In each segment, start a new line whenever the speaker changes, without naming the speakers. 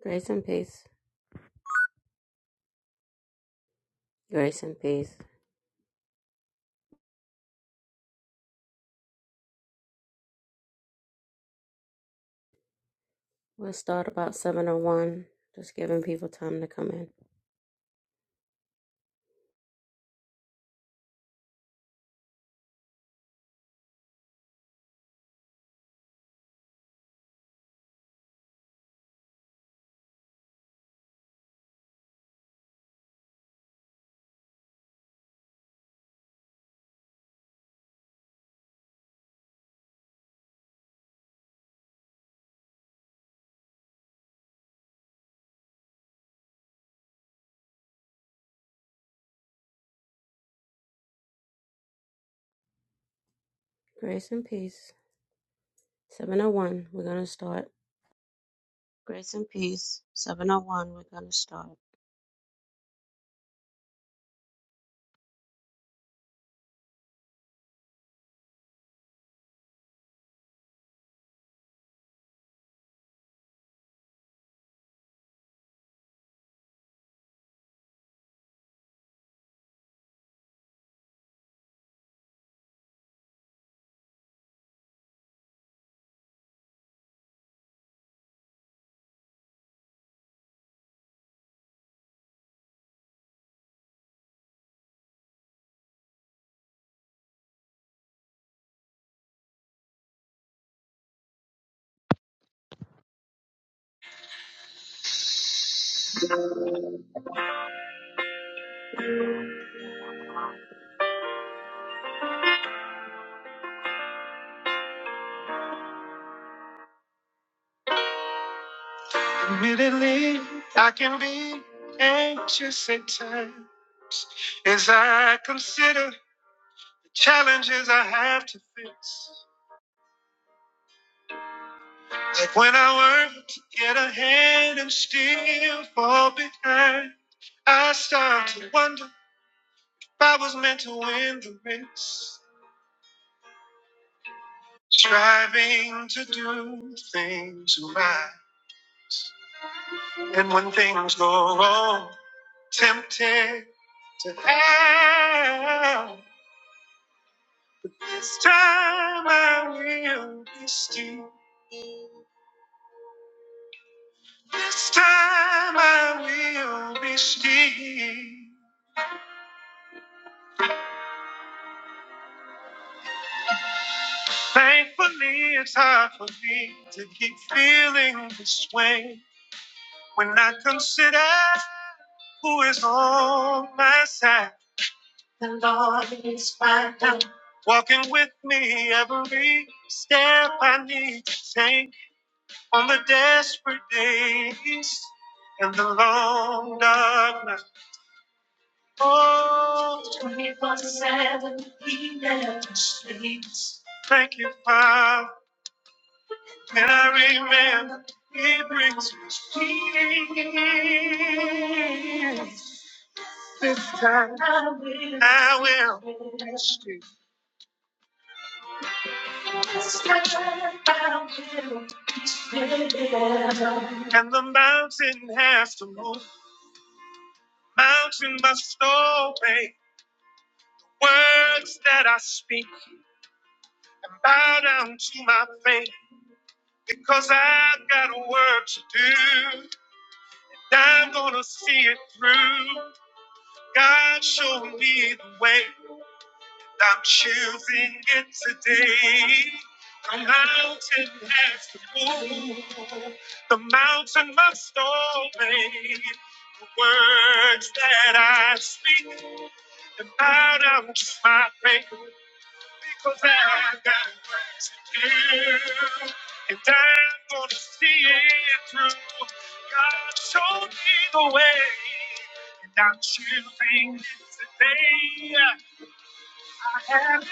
Grace and peace. Grace and peace. We'll start about 701, just giving people time to come in. Grace and peace. 701, we're going to start. Grace and peace. 701, we're going to start. Admittedly, I can be anxious at times as I consider the challenges I have to face. Like when I work to get ahead and still fall behind. I start to wonder I was meant to win the race, striving to do things right. And when things go wrong, tempted to help. This time I will be still. This time I will be still. Thankfully, it's hard for me to keep feeling this way when I consider who is on my side. The Lord is my help. Walking with me every step I need to take on the desperate days and the long dark night. Oh, twenty-four 7, He never sleeps. Thank you, Father. And I remember He brings me peace. This time I will, I will trust you. And the mountain has to move. Mountain must obey words that I speak and bow down to my faith because I've got a work to do. I'm gonna see it through. God showed me the way. I'm choosing it today. The mountain has to move. The mountain must obey the words that I speak. And bow down to my faith because I got work to do. And I'm gonna see it through. God showed me the way, and I'm choosing it today am fighting.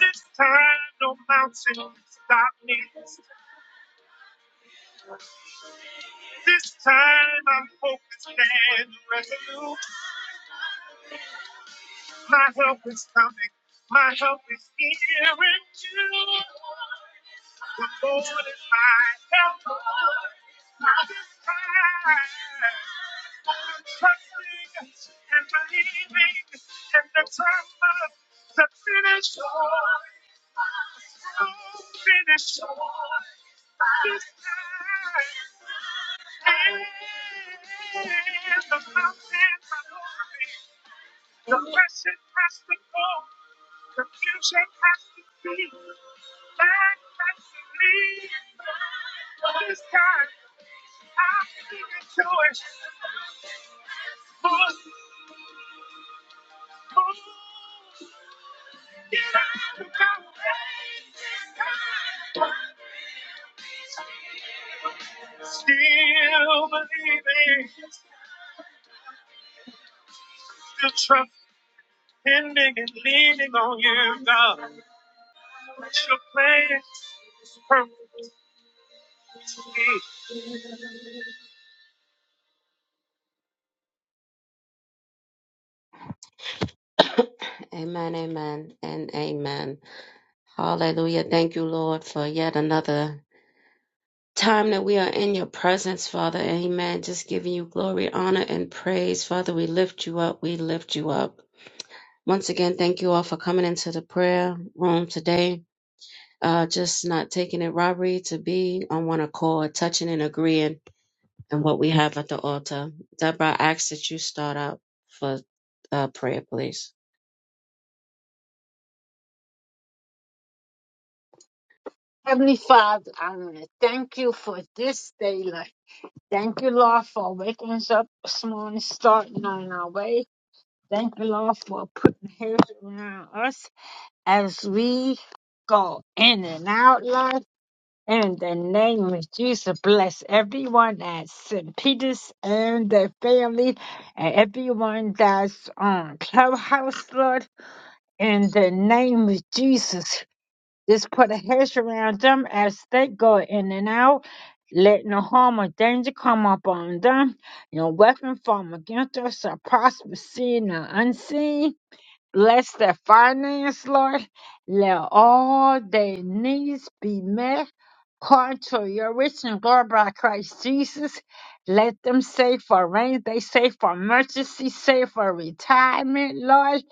This time, no mountain stop me. This time, I'm focused and resolute. My help is coming. My help is here in you. The Lord is my helper. I am trusting and believing in the time of the finish. line. Oh, finish. line. This time. And the mountains are moving. The pressure has to go. Confusion has to be, light has to leave. This time, I'll give it Move, move, get out of my way. Still believing, still trusting and leaning on you, God. Your plan is perfect to me. Amen, amen, and amen. Hallelujah. Thank you, Lord, for yet another. time that we are in your presence, Father. Amen. Just giving you glory, honor, and praise. Father, we lift you up. We lift you up. Once again, thank you all for coming into the prayer room today. Uh, just not taking it robbery to be on one accord, touching and agreeing in what we have at the altar. Deborah, I ask that you start out for uh, prayer, please.
Heavenly Father, I want to thank you for this day, Lord. Thank you, Lord, for waking us up this morning, starting on our way. Thank you, Lord, for putting hands around us as we go in and out, Lord. In the name of Jesus, bless everyone at St. Peter's and their family and everyone that's on Clubhouse, Lord. In the name of Jesus, just put a hedge around them as they go in and out. Let no harm or danger come upon them. No weapon formed against us shall prosper, seen or unseen. Bless their finance, Lord. Let all their needs be met. According to your rich and glory by Christ Jesus, let them save for rain, they save for emergency, save for retirement, Lord.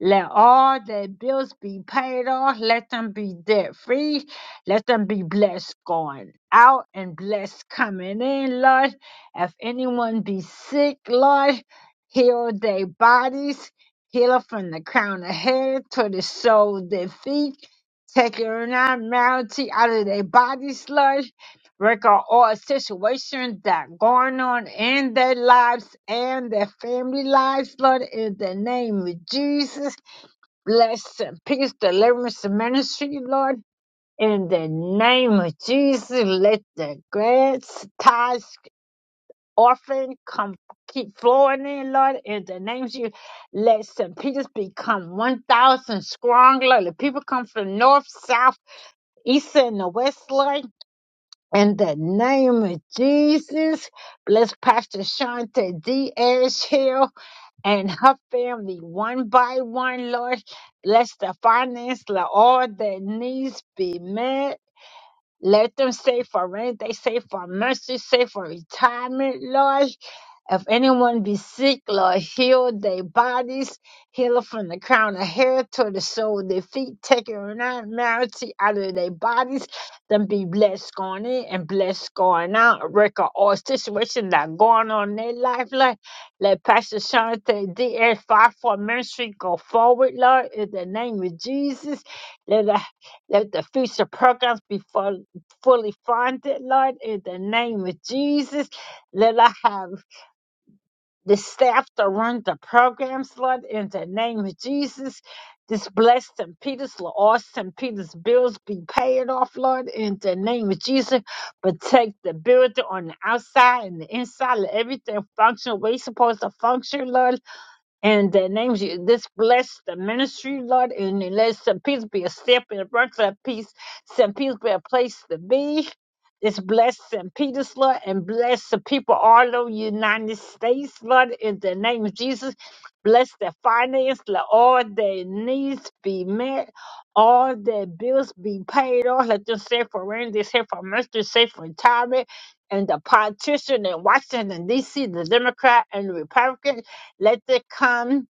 Let all their bills be paid off. Let them be debt free. Let them be blessed going out and blessed coming in, Lord. If anyone be sick, Lord, heal their bodies, Healer from the crown of head to the sole of their feet. taking your abnormality out of their body sludge. Record all situations that going on in their lives and their family lives, Lord, in the name of Jesus. Bless and peace, deliverance and ministry, Lord. In the name of Jesus, let the grass ties orphan come keep flowing in, Lord, in the name of Jesus. Let St. Peter's become 1,000 strong, Lord. Let people come from north, south, east, and the west, Lord. In the name of Jesus, bless Pastor Shanta D. Ayers Hill and her family one by one, Lord. Bless the finance, let all their needs be met let them save for rent. They save for mercy, save for retirement, Lord. If anyone be sick, Lord, heal their bodies. Heal from the crown of hair to the sole of their feet. Take normality out of their bodies. Them be blessed going in and blessed going out. Record all situations that going on in their life, Lord. Let Pastor Shante DS 5 for ministry go forward, Lord, in the name of Jesus. Let the let the future programs before fully funded, Lord, in the name of Jesus. Let I have the staff to run the programs, Lord, in the name of Jesus. This blessed St. Peter's, Lord, all St. Peter's bills be paid off, Lord, in the name of Jesus. Protect the building on the outside and the inside. Let everything function the way it's supposed to function, Lord and the names you, this bless the ministry, Lord, and let Saint Peter be a step in the front for that peace, St. Peter be a place to be. It's bless St. Peter's, Lord, and bless the people all over the United States, Lord, in the name of Jesus. Bless their finance, let all their needs be met, all their bills be paid off. Let them save for rent, they save for mercy, save for retirement. And the politician in Washington, D.C., the Democrat and the Republican. Let them come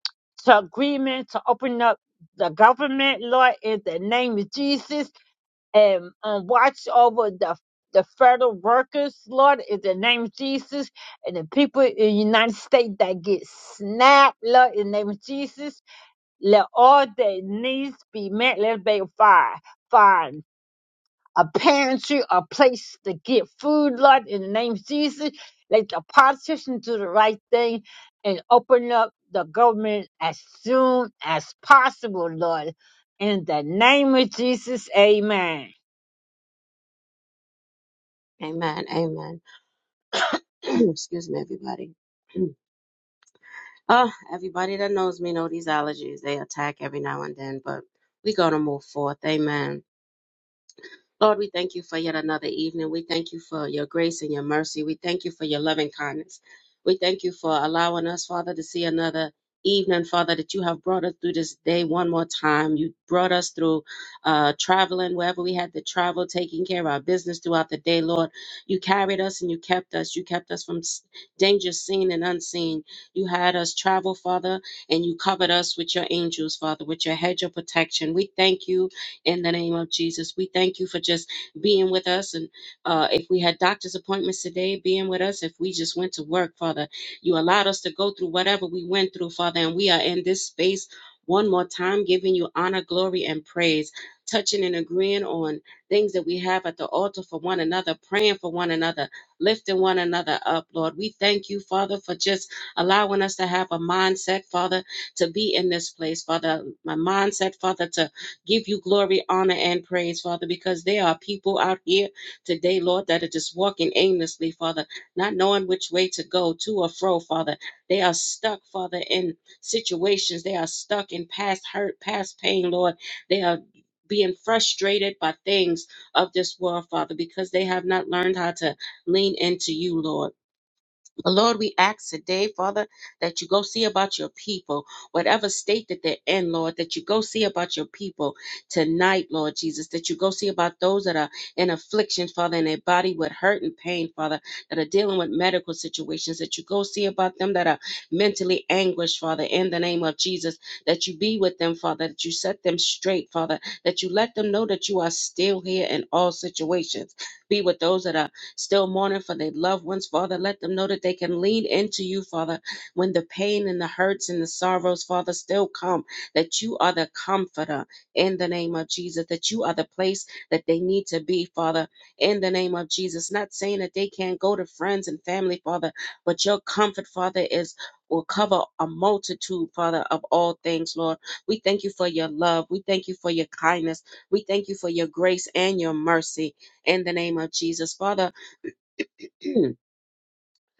to agreement to open up the government, Lord, in the name of Jesus, and, and watch over the the federal workers, Lord, in the name of Jesus, and the people in the United States that get snapped, Lord, in the name of Jesus, let all their needs be met. Let it be fire, fire a pantry, a place to get food, Lord, in the name of Jesus. Let the politicians do the right thing and open up the government as soon as possible, Lord. In the name of Jesus, amen.
Amen. Amen. Excuse me, everybody. Oh, everybody that knows me know these allergies. They attack every now and then, but we gonna move forth. Amen. Lord, we thank you for yet another evening. We thank you for your grace and your mercy. We thank you for your loving kindness. We thank you for allowing us, Father, to see another evening, Father, that you have brought us through this day one more time. You brought us through uh, traveling wherever we had to travel, taking care of our business throughout the day, Lord. You carried us and you kept us. You kept us from s- danger seen and unseen. You had us travel, Father, and you covered us with your angels, Father, with your hedge of protection. We thank you in the name of Jesus. We thank you for just being with us. And uh, if we had doctor's appointments today, being with us, if we just went to work, Father, you allowed us to go through whatever we went through, Father, and we are in this space one more time, giving you honor, glory, and praise, touching and agreeing on things that we have at the altar for one another, praying for one another, lifting one another up, Lord. We thank you, Father, for just allowing us to have a mindset, Father, to be in this place, Father. My mindset, Father, to Give you glory, honor, and praise, Father, because there are people out here today, Lord, that are just walking aimlessly, Father, not knowing which way to go, to or fro, Father. They are stuck, Father, in situations. They are stuck in past hurt, past pain, Lord. They are being frustrated by things of this world, Father, because they have not learned how to lean into you, Lord. But Lord, we ask today, Father, that you go see about your people, whatever state that they're in, Lord, that you go see about your people tonight, Lord Jesus, that you go see about those that are in affliction, Father, in their body with hurt and pain, Father, that are dealing with medical situations, that you go see about them that are mentally anguished, Father, in the name of Jesus, that you be with them, Father, that you set them straight, Father, that you let them know that you are still here in all situations. Be with those that are still mourning for their loved ones, Father. Let them know that they can lean into you, Father, when the pain and the hurts and the sorrows, Father, still come, that you are the comforter in the name of Jesus, that you are the place that they need to be, Father, in the name of Jesus. Not saying that they can't go to friends and family, Father, but your comfort, Father, is will cover a multitude, Father, of all things, Lord. We thank you for your love. We thank you for your kindness. We thank you for your grace and your mercy in the name of Jesus. Father, Hmm.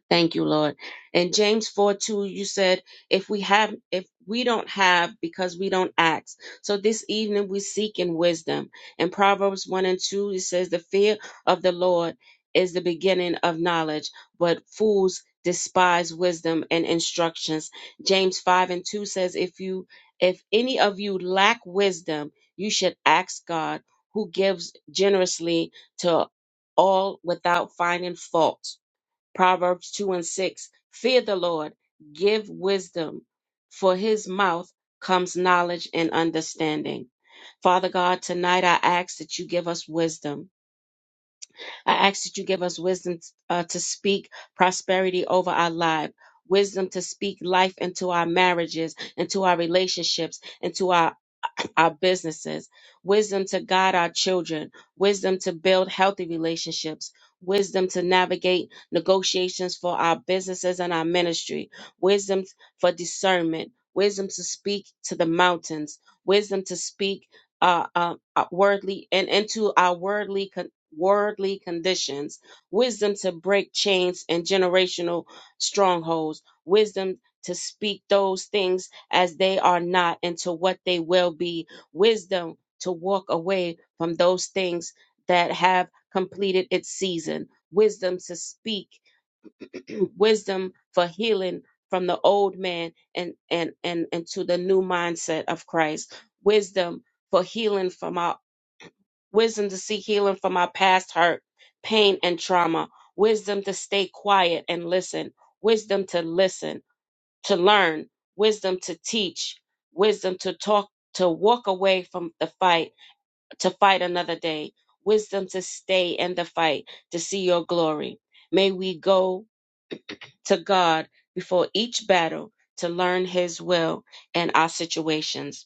Thank you, Lord. And James 4 2, you said, if we have, if we don't have, because we don't ask. So this evening we seek in wisdom. And Proverbs 1 and 2, it says, the fear of the Lord is the beginning of knowledge, but fools despise wisdom and instructions. James 5 and 2 says, if you, if any of you lack wisdom, you should ask God who gives generously to all without finding fault Proverbs 2 and 6. Fear the Lord, give wisdom, for his mouth comes knowledge and understanding. Father God, tonight I ask that you give us wisdom. I ask that you give us wisdom uh, to speak prosperity over our life. Wisdom to speak life into our marriages, into our relationships, into our our businesses, wisdom to guide our children, wisdom to build healthy relationships, wisdom to navigate negotiations for our businesses and our ministry, wisdom for discernment, wisdom to speak to the mountains, wisdom to speak uh, uh, uh, wordly and into our worldly con- worldly conditions, wisdom to break chains and generational strongholds, wisdom to speak those things as they are not into what they will be wisdom to walk away from those things that have completed its season, wisdom to speak, wisdom for healing from the old man and and and and to the new mindset of Christ, wisdom for healing from our wisdom to seek healing from our past hurt, pain and trauma, wisdom to stay quiet and listen, wisdom to listen, to learn, wisdom to teach, wisdom to talk to walk away from the fight to fight another day, wisdom to stay in the fight, to see your glory. May we go to God before each battle to learn his will in our situations.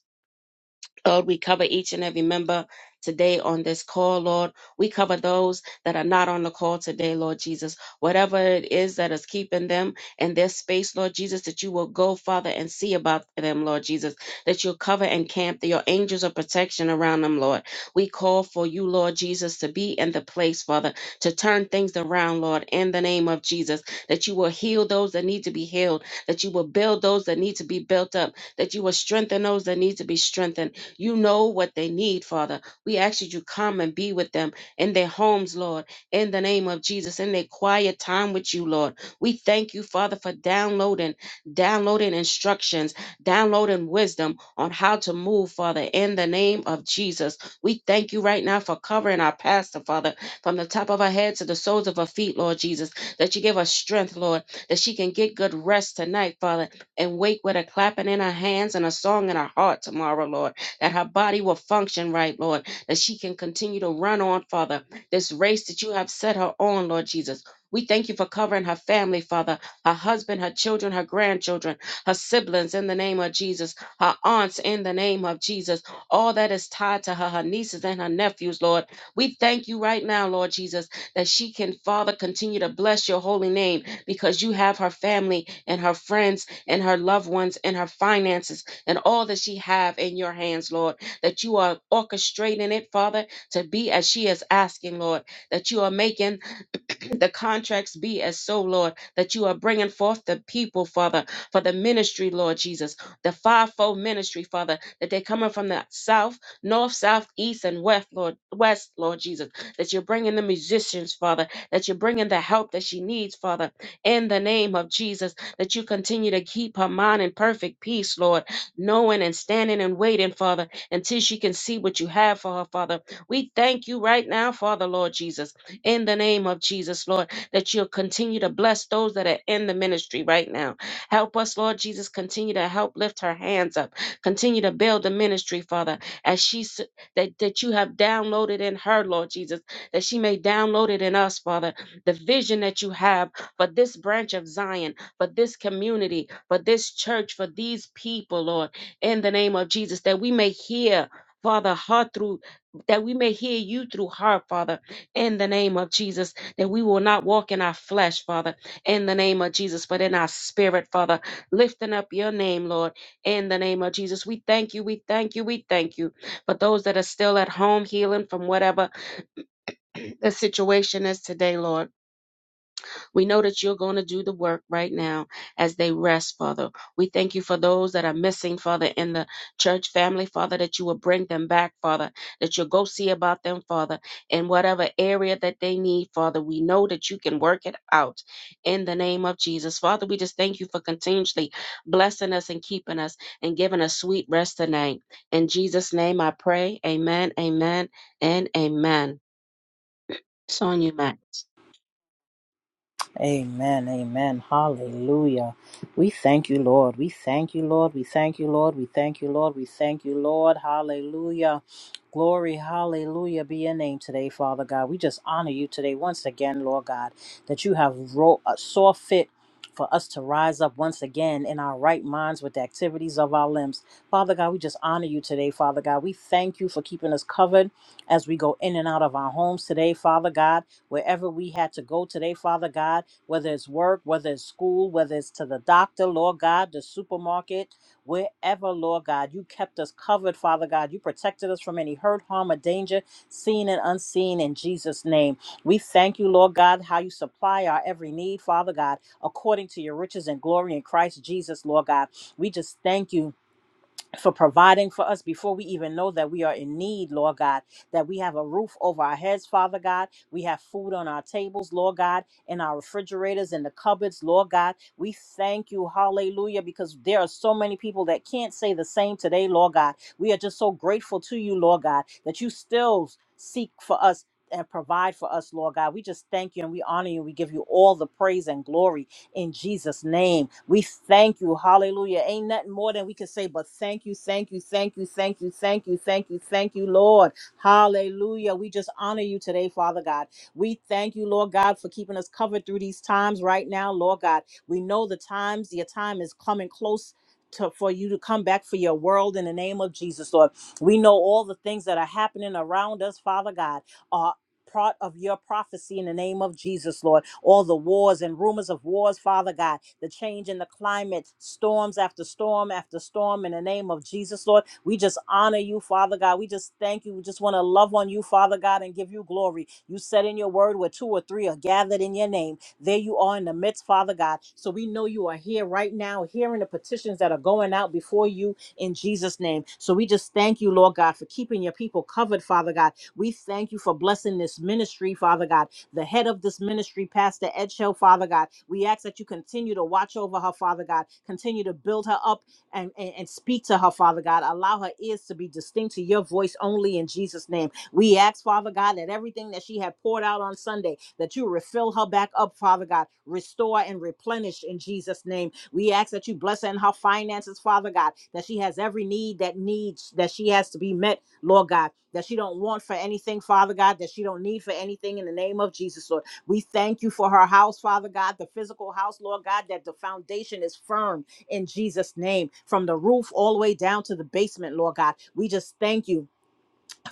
Lord, we cover each and every member today on this call, Lord. We cover those that are not on the call today, Lord Jesus. Whatever it is that is keeping them in their space, Lord Jesus, that you will go, Father, and see about them, Lord Jesus, that you'll cover and camp your angels of protection around them, Lord. We call for you, Lord Jesus, to be in the place, Father, to turn things around, Lord, in the name of Jesus, that you will heal those that need to be healed, that you will build those that need to be built up, that you will strengthen those that need to be strengthened you know what they need, Father. We ask that you come and be with them in their homes, Lord, in the name of Jesus, in their quiet time with you, Lord. We thank you, Father, for downloading, downloading instructions, downloading wisdom on how to move, Father, in the name of Jesus. We thank you right now for covering our pastor, Father, from the top of her head to the soles of her feet, Lord Jesus, that you give us strength, Lord, that she can get good rest tonight, Father, and wake with a clapping in her hands and a song in her heart tomorrow, Lord that her body will function right, Lord, that she can continue to run on, Father, this race that you have set her on, Lord Jesus. We thank you for covering her family, Father, her husband, her children, her grandchildren, her siblings in the name of Jesus, her aunts in the name of Jesus, all that is tied to her, her nieces and her nephews, Lord. We thank you right now, Lord Jesus, that she can, Father, continue to bless your holy name because you have her family and her friends and her loved ones and her finances and all that she have in your hands, Lord, that you are orchestrating it, Father, to be as she is asking, Lord, that you are making the contracts be as so, Lord, that you are bringing forth the people, Father, for the ministry, Lord Jesus, the fivefold ministry, Father, that they're coming from the south, north, south, east, and west, Lord, west, Lord Jesus, that you're bringing the musicians, Father, that you're bringing the help that she needs, Father, in the name of Jesus, that you continue to keep her mind in perfect peace, Lord, knowing and standing and waiting, Father, until she can see what you have for her, Father. We thank you right now, Father, Lord Jesus in the name of Jesus, Lord, that you'll continue to bless those that are in the ministry right now. Help us, Lord Jesus, continue to help lift her hands up. Continue to build the ministry, Father, as she s- that, that you have downloaded in her, Lord Jesus, that she may download it in us, Father. The vision that you have for this branch of Zion, for this community, for this church, for these people, Lord, in the name of Jesus, that we may hear. Father, her through that we may hear you through her, Father, in the name of Jesus, that we will not walk in our flesh, Father, in the name of Jesus, but in our spirit, Father, lifting up your name, Lord, in the name of Jesus. We thank you, we thank you, we thank you for those that are still at home healing from whatever the situation is today, Lord. We know that you're going to do the work right now as they rest, Father. We thank you for those that are missing, Father, in the church family, Father, that you will bring them back, Father, that you'll go see about them, Father, in whatever area that they need, Father. We know that you can work it out in the name of Jesus. Father, we just thank you for continuously blessing us and keeping us and giving us sweet rest tonight. In Jesus' name I pray. Amen, amen, and amen. It's on you, Max.
Amen. Amen. Hallelujah. We thank you, Lord. We thank you, Lord. We thank you, Lord. We thank you, Lord. We thank you, Lord. Hallelujah. Glory, hallelujah, be your name today, Father God. We just honor you today once again, Lord God, that you have ro- uh, saw fit for us to rise up once again in our right minds with the activities of our limbs. Father God, we just honor you today, Father God. We thank you for keeping us covered as we go in and out of our homes today, Father God, wherever we had to go today, Father God whether it's work, whether it's school, whether it's to the doctor, Lord God, the supermarket, wherever, Lord God, you kept us covered, Father God. You protected us from any hurt, harm, or danger, seen and unseen, in Jesus' name. We thank you, Lord God, how you supply our every need, Father God, according to your riches and glory in Christ Jesus, Lord God. We just thank you for providing for us before we even know that we are in need, Lord God, that we have a roof over our heads, Father God. We have food on our tables, Lord God, in our refrigerators, in the cupboards, Lord God. We thank you, hallelujah, because there are so many people that can't say the same today, Lord God. We are just so grateful to you, Lord God, that you still seek for us. And provide for us, Lord God. We just thank you and we honor you. We give you all the praise and glory in Jesus' name. We thank you. Hallelujah. Ain't nothing more than we can say, but thank you, thank you, thank you, thank you, thank you, thank you, thank you, Lord. Hallelujah. We just honor you today, Father God. We thank you, Lord God, for keeping us covered through these times right now, Lord God. We know the times, your time is coming close. To, for you to come back for your world in the name of Jesus, Lord. We know all the things that are happening around us, Father God part of your prophecy in the name of Jesus, Lord. All the wars and rumors of wars, Father God, the change in the climate, storms after storm after storm in the name of Jesus, Lord. We just honor you, Father God. We just thank you. We just want to love on you, Father God, and give you glory. You said in your word where two or three are gathered in your name. There you are in the midst, Father God. So we know you are here right now, hearing the petitions that are going out before you in Jesus' name. So we just thank you, Lord God, for keeping your people covered, Father God we thank you for blessing this ministry, Father God. The head of this ministry, Pastor Edgel, Father God. We ask that you continue to watch over her, Father God. Continue to build her up and, and, and speak to her, Father God. Allow her ears to be distinct to your voice only in Jesus' name. We ask, Father God, that everything that she had poured out on Sunday, that you refill her back up, Father God. Restore and replenish in Jesus' name. We ask that you bless her in her finances, Father God, that she has every need that needs, that she has to be met Lord God, that she don't want for anything, Father God, that she don't need for anything in the name of Jesus, Lord. We thank you for her house, Father God, the physical house, Lord God, that the foundation is firm in Jesus' name, from the roof all the way down to the basement, Lord God. We just thank you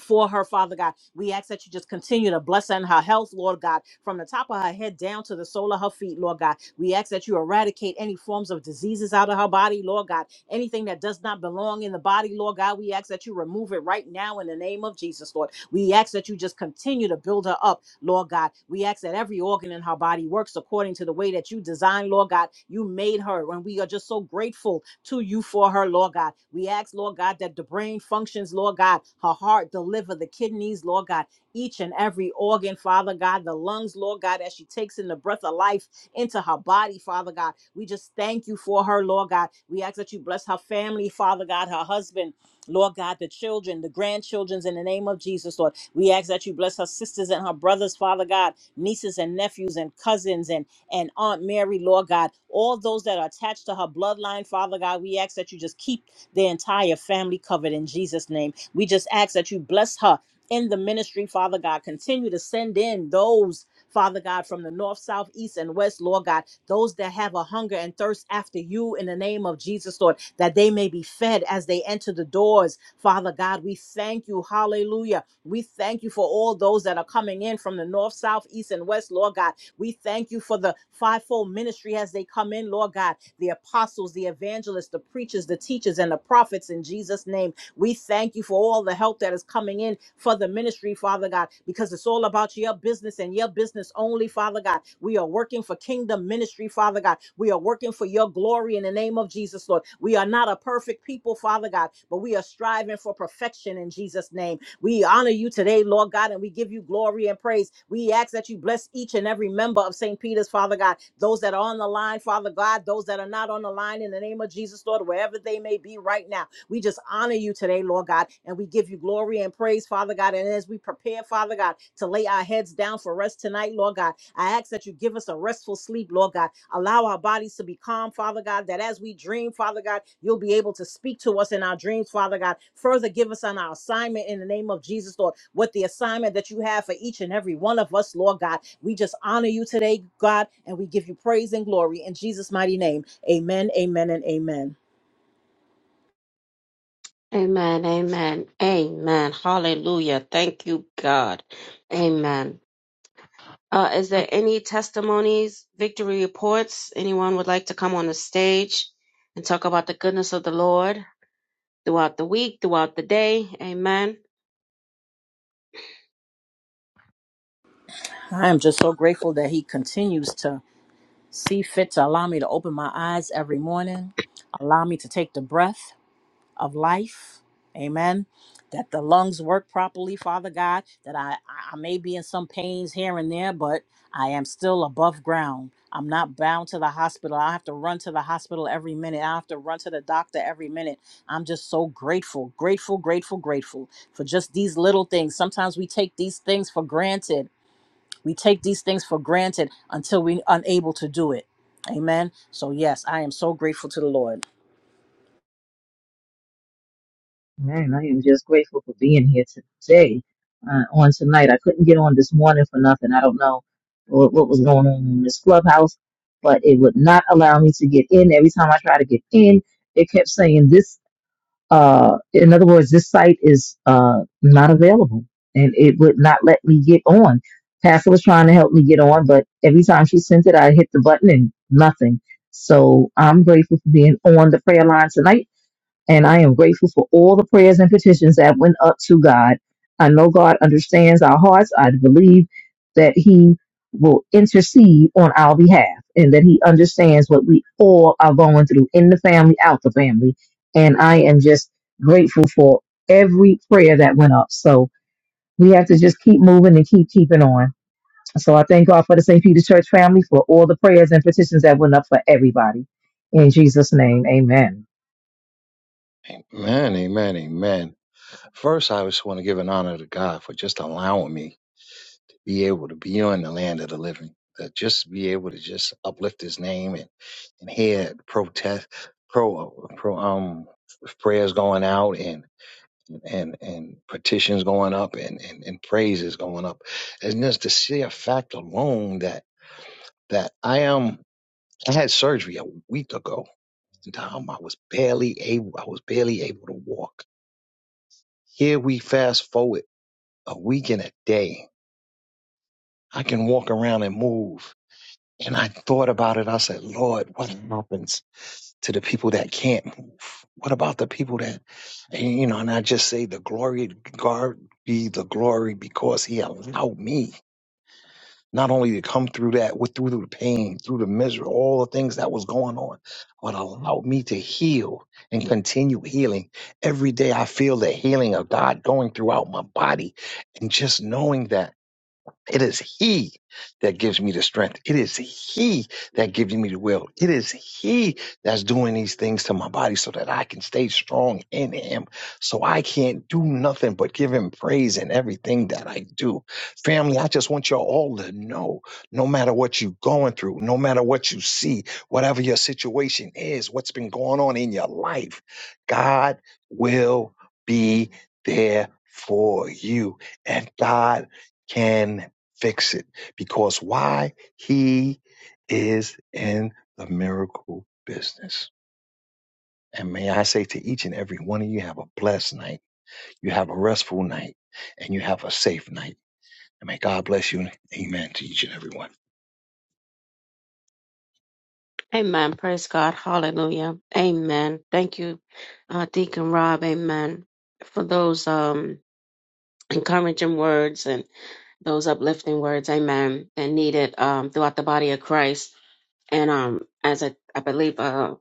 for her, Father God. We ask that you just continue to bless her in her health, Lord God, from the top of her head down to the sole of her feet, Lord God. We ask that you eradicate any forms of diseases out of her body, Lord God. Anything that does not belong in the body, Lord God, we ask that you remove it right now in the name of Jesus, Lord. We ask that you just continue to build her up, Lord God. We ask that every organ in her body works according to the way that you designed, Lord God. You made her, and we are just so grateful to you for her, Lord God. We ask, Lord God, that the brain functions, Lord God, her heart, the liver, the kidneys, Lord God, each and every organ, Father God, the lungs, Lord God, as she takes in the breath of life into her body, Father God. We just thank you for her, Lord God. We ask that you bless her family, Father God, her husband Lord God, the children, the grandchildren's in the name of Jesus, Lord. We ask that you bless her sisters and her brothers, Father God, nieces and nephews and cousins and, and Aunt Mary, Lord God. All those that are attached to her bloodline, Father God, we ask that you just keep the entire family covered in Jesus' name. We just ask that you bless her in the ministry, Father God. Continue to send in those. Father God, from the north, south, east, and west, Lord God, those that have a hunger and thirst after you in the name of Jesus, Lord that they may be fed as they enter the doors. Father God, we thank you. Hallelujah. We thank you for all those that are coming in from the north, south, east, and west, Lord God. We thank you for the fivefold ministry as they come in, Lord God, the apostles, the evangelists, the preachers, the teachers, and the prophets in Jesus' name. We thank you for all the help that is coming in for the ministry, Father God, because it's all about your business and your business only, Father God. We are working for kingdom ministry, Father God. We are working for your glory in the name of Jesus, Lord. We are not a perfect people, Father God, but we are striving for perfection in Jesus' name. We honor you today, Lord God, and we give you glory and praise. We ask that you bless each and every member of St. Peter's, Father God, those that are on the line, Father God, those that are not on the line in the name of Jesus, Lord, wherever they may be right now. We just honor you today, Lord God, and we give you glory and praise, Father God. And as we prepare, Father God, to lay our heads down for rest tonight, Lord God, I ask that you give us a restful sleep, Lord God. Allow our bodies to be calm, Father God, that as we dream, Father God, you'll be able to speak to us in our dreams, Father God. Further, give us on our assignment in the name of Jesus, Lord, what the assignment that you have for each and every one of us, Lord God. We just honor you today, God, and we give you praise and glory in Jesus' mighty name. Amen, amen, and amen.
Amen, amen, amen. Hallelujah. Thank you, God. Amen. Uh, is there any testimonies, victory reports? Anyone would like to come on the stage and talk about the goodness of the Lord throughout the week, throughout the day? Amen.
I am just so grateful that He continues to see fit to allow me to open my eyes every morning, allow me to take the breath of life. Amen. That the lungs work properly, Father God. That I, I may be in some pains here and there, but I am still above ground. I'm not bound to the hospital. I have to run to the hospital every minute. I have to run to the doctor every minute. I'm just so grateful, grateful, grateful, grateful for just these little things. Sometimes we take these things for granted we take these things for granted until we're unable to do it. Amen. So, yes, I am so grateful to the Lord.
Man, I am just grateful for being here today uh, on tonight. I couldn't get on this morning for nothing. I don't know what, what was going on in this clubhouse, but it would not allow me to get in. Every time I try to get in, it kept saying this. Uh, in other words, this site is uh, not available, and it would not let me get on. Pastor was trying to help me get on, but every time she sent it, I hit the button and nothing. So I'm grateful for being on the prayer line tonight and I am grateful for all the prayers and petitions that went up to God. I know God understands our hearts. I believe that He will intercede on our behalf and that He understands what we all are going through in the family, out the family. And I am just grateful for every prayer that went up. So we have to just keep moving and keep keeping on. So I thank God for the St. Peter Church family for all the prayers and petitions that went up for everybody. In Jesus' name, amen.
Amen, amen, amen. First, I just want to give an honor to God for just allowing me to be able to be on the land of the living, to just be able to just uplift His name and and hear protest, pro, pro, um, prayers going out and and and petitions going up and and, and praises going up, and just to see a fact alone that that I am. I had surgery a week ago. And um, I was barely able. I was barely able to walk Here we fast forward a week and a day. I can walk around and move. And I thought about it. I said, Lord, what happens to the people that can't move? What about the people that, and, you know, and I just say the glory, God be the glory because he allowed me. not only to come through that with through the pain, through the misery, all the things that was going on, but allowed me to heal and continue healing. Every day I feel the healing of God going throughout my body and just knowing that. It is He that gives me the strength. It is He that gives me the will. It is He that's doing these things to my body so that I can stay strong in Him. So I can't do nothing but give Him praise in everything that I do. Family, I just want y'all all to know no matter what you're going through, no matter what you see, whatever your situation is, what's been going on in your life, God will be there for you. And God can fix it. Because why? He is in the miracle business. And may I say to each and every one of you, have a blessed night. You have a restful night and you have a safe night. And may God bless you and amen to each and every one.
Amen. Praise God. Hallelujah. Amen. Thank you, uh, Deacon Rob. Amen. For those um, encouraging words those uplifting words, amen, and needed um, throughout the body of Christ. And um, as I, I believe uh,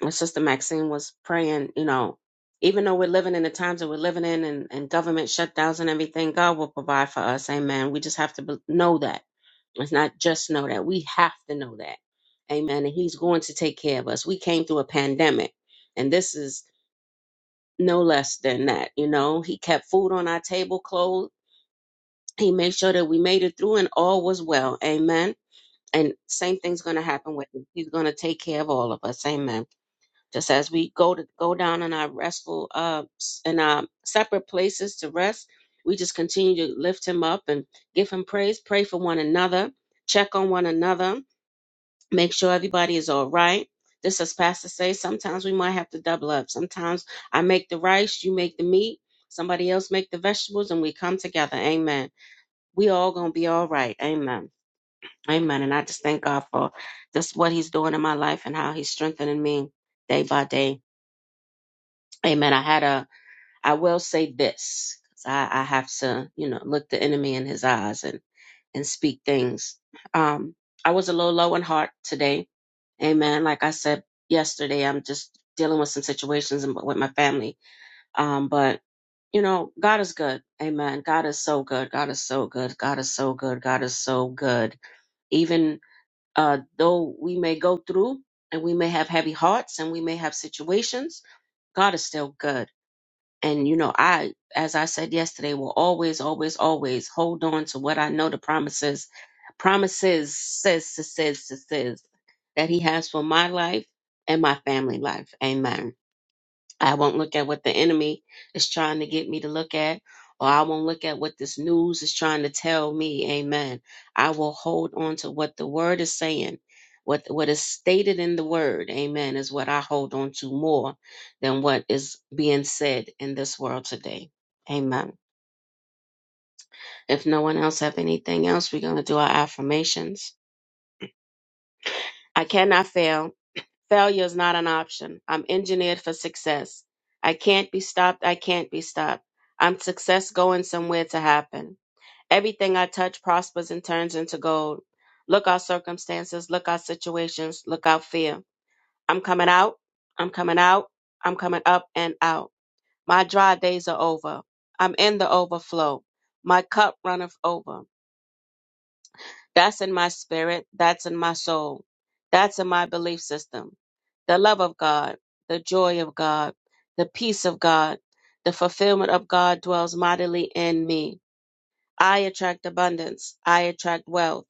my sister Maxine was praying, you know, even though we're living in the times that we're living in and, and government shutdowns and everything, God will provide for us, amen. We just have to be- know that. It's not just know that, we have to know that, amen. And He's going to take care of us. We came through a pandemic, and this is no less than that, you know. He kept food on our table, clothes. He made sure that we made it through and all was well. Amen. And same thing's going to happen with him. He's going to take care of all of us. Amen. Just as we go to go down in our restful, uh, s- in our separate places to rest, we just continue to lift him up and give him praise. Pray for one another. Check on one another. Make sure everybody is all right. Just as Pastor say, sometimes we might have to double up. Sometimes I make the rice, you make the meat, somebody else make the vegetables, and we come together. Amen we all gonna be all right. Amen. Amen. And I just thank God for just what He's doing in my life and how He's strengthening me day by day. Amen. I had a. I will say this 'cause I, I have to, you know, look the enemy in his eyes and and speak things. Um, I was a little low in heart today. Amen. Like I said yesterday, I'm just dealing with some situations and- with my family. Um, but you know, God is good. Amen. God is so good. God is so good. God is so good. God is so good even uh, though we may go through and we may have heavy hearts and we may have situations, God is still good. And, you know, I, as I said yesterday, will always, always, always hold on to what I know the promises, promises, says, says, says, says that He has for my life and my family life. Amen. I won't look at what the enemy is trying to get me to look at, or I won't look at what this news is trying to tell me. Amen. I will hold on to what the word is saying. What, what is stated in the word, amen, is what I hold on to more than what is being said in this world today. Amen. If no one else have anything else, we're going to do our affirmations. I cannot fail. Failure is not an option. I'm engineered for success. I can't be stopped. I can't be stopped. I'm success going somewhere to happen. Everything I touch prospers and turns into gold. Look out circumstances, look out situations, look out fear. I'm coming out. I'm coming out. I'm coming up and out. My dry days are over. I'm in the overflow. My cup runneth over. That's in my spirit. That's in my soul. That's in my belief system. The love of God, the joy of God, the peace of God, the fulfillment of God dwells mightily in me. I attract abundance. I attract wealth.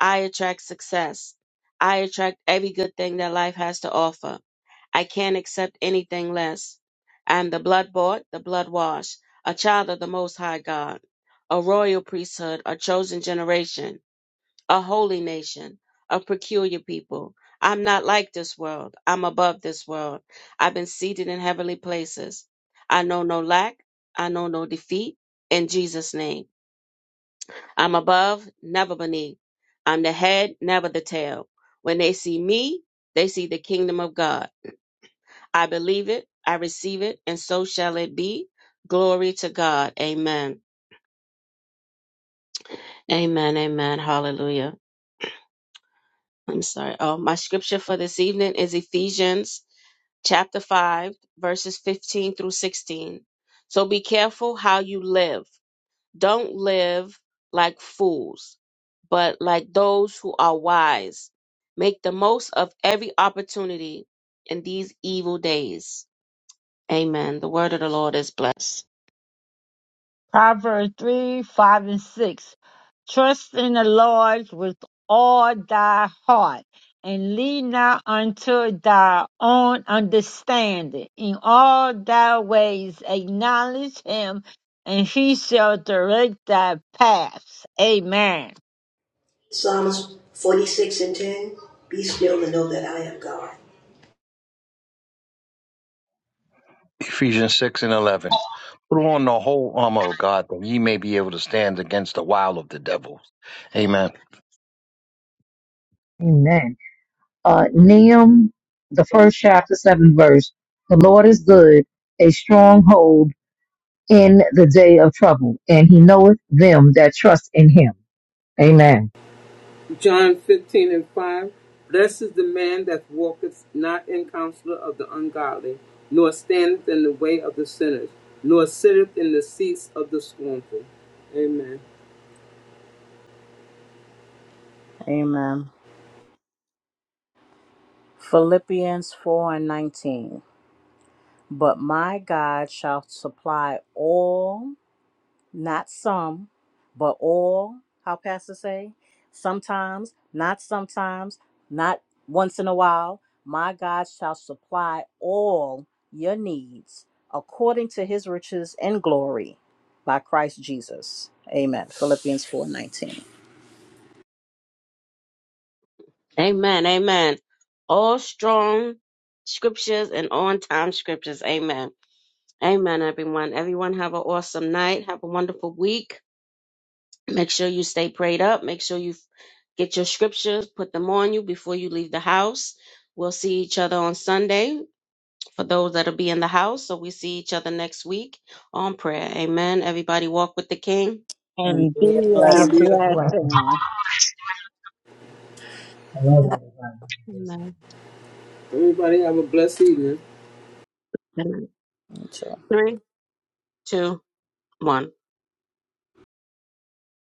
I attract success. I attract every good thing that life has to offer. I can't accept anything less. I'm the blood bought, the blood washed, a child of the Most High God, a royal priesthood, a chosen generation a holy nation, a peculiar people. I'm not like this world. I'm above this world. I've been seated in heavenly places. I know no lack. I know no defeat. In Jesus' name, I'm above, never beneath. I'm the head, never the tail. When they see me, they see the kingdom of God. I believe it, I receive it, and so shall it be. Glory to God. Amen. Amen. Amen. Hallelujah. I'm sorry. Oh, my scripture for this evening is Ephesians chapter 5, verses 15 through 16. So be careful how you live. Don't live like fools, but like those who are wise. Make the most of every opportunity in these evil days. Amen. The word of the Lord is blessed.
Proverbs 3, 5, and 6. Trust in the Lord with all thy heart, and lean not unto thy own understanding. In all thy ways acknowledge him, and he shall direct thy paths. Amen.
Psalms 46 and 10 Be still and know that I am God.
Ephesians 6 and 11. Put on the whole armor of God that ye may be able to stand against the wile of the devil. Amen.
Amen. uh, Nahum, the first chapter, seventh verse. The Lord is good, a stronghold in the day of trouble, and He knoweth them that trust in Him. Amen.
John 15 and 5. Blessed is the man that walketh not in counsel of the ungodly, nor standeth in the way of the sinners, nor sitteth in the seats of the scornful. Amen.
Amen. Philippians 4 and 19. But my God shall supply all not some, but all, how pastors say, sometimes, not sometimes, not once in a while, my God shall supply all your needs according to his riches and glory by Christ Jesus. Amen. Philippians 4:19.
Amen. Amen. All strong scriptures and on time scriptures. Amen. Amen, everyone. Everyone have an awesome night. Have a wonderful week. Make sure you stay prayed up. Make sure you get your scriptures, put them on you before you leave the house. We'll see each other on Sunday for those that'll be in the house. So we see each other next week on prayer. Amen. Everybody walk with the King.
And
And be
be a
a
And
blessing.
be up.
Bless
blessing.
I love that.
Amen.
Everybody have a blessed evening.
Three, two, one.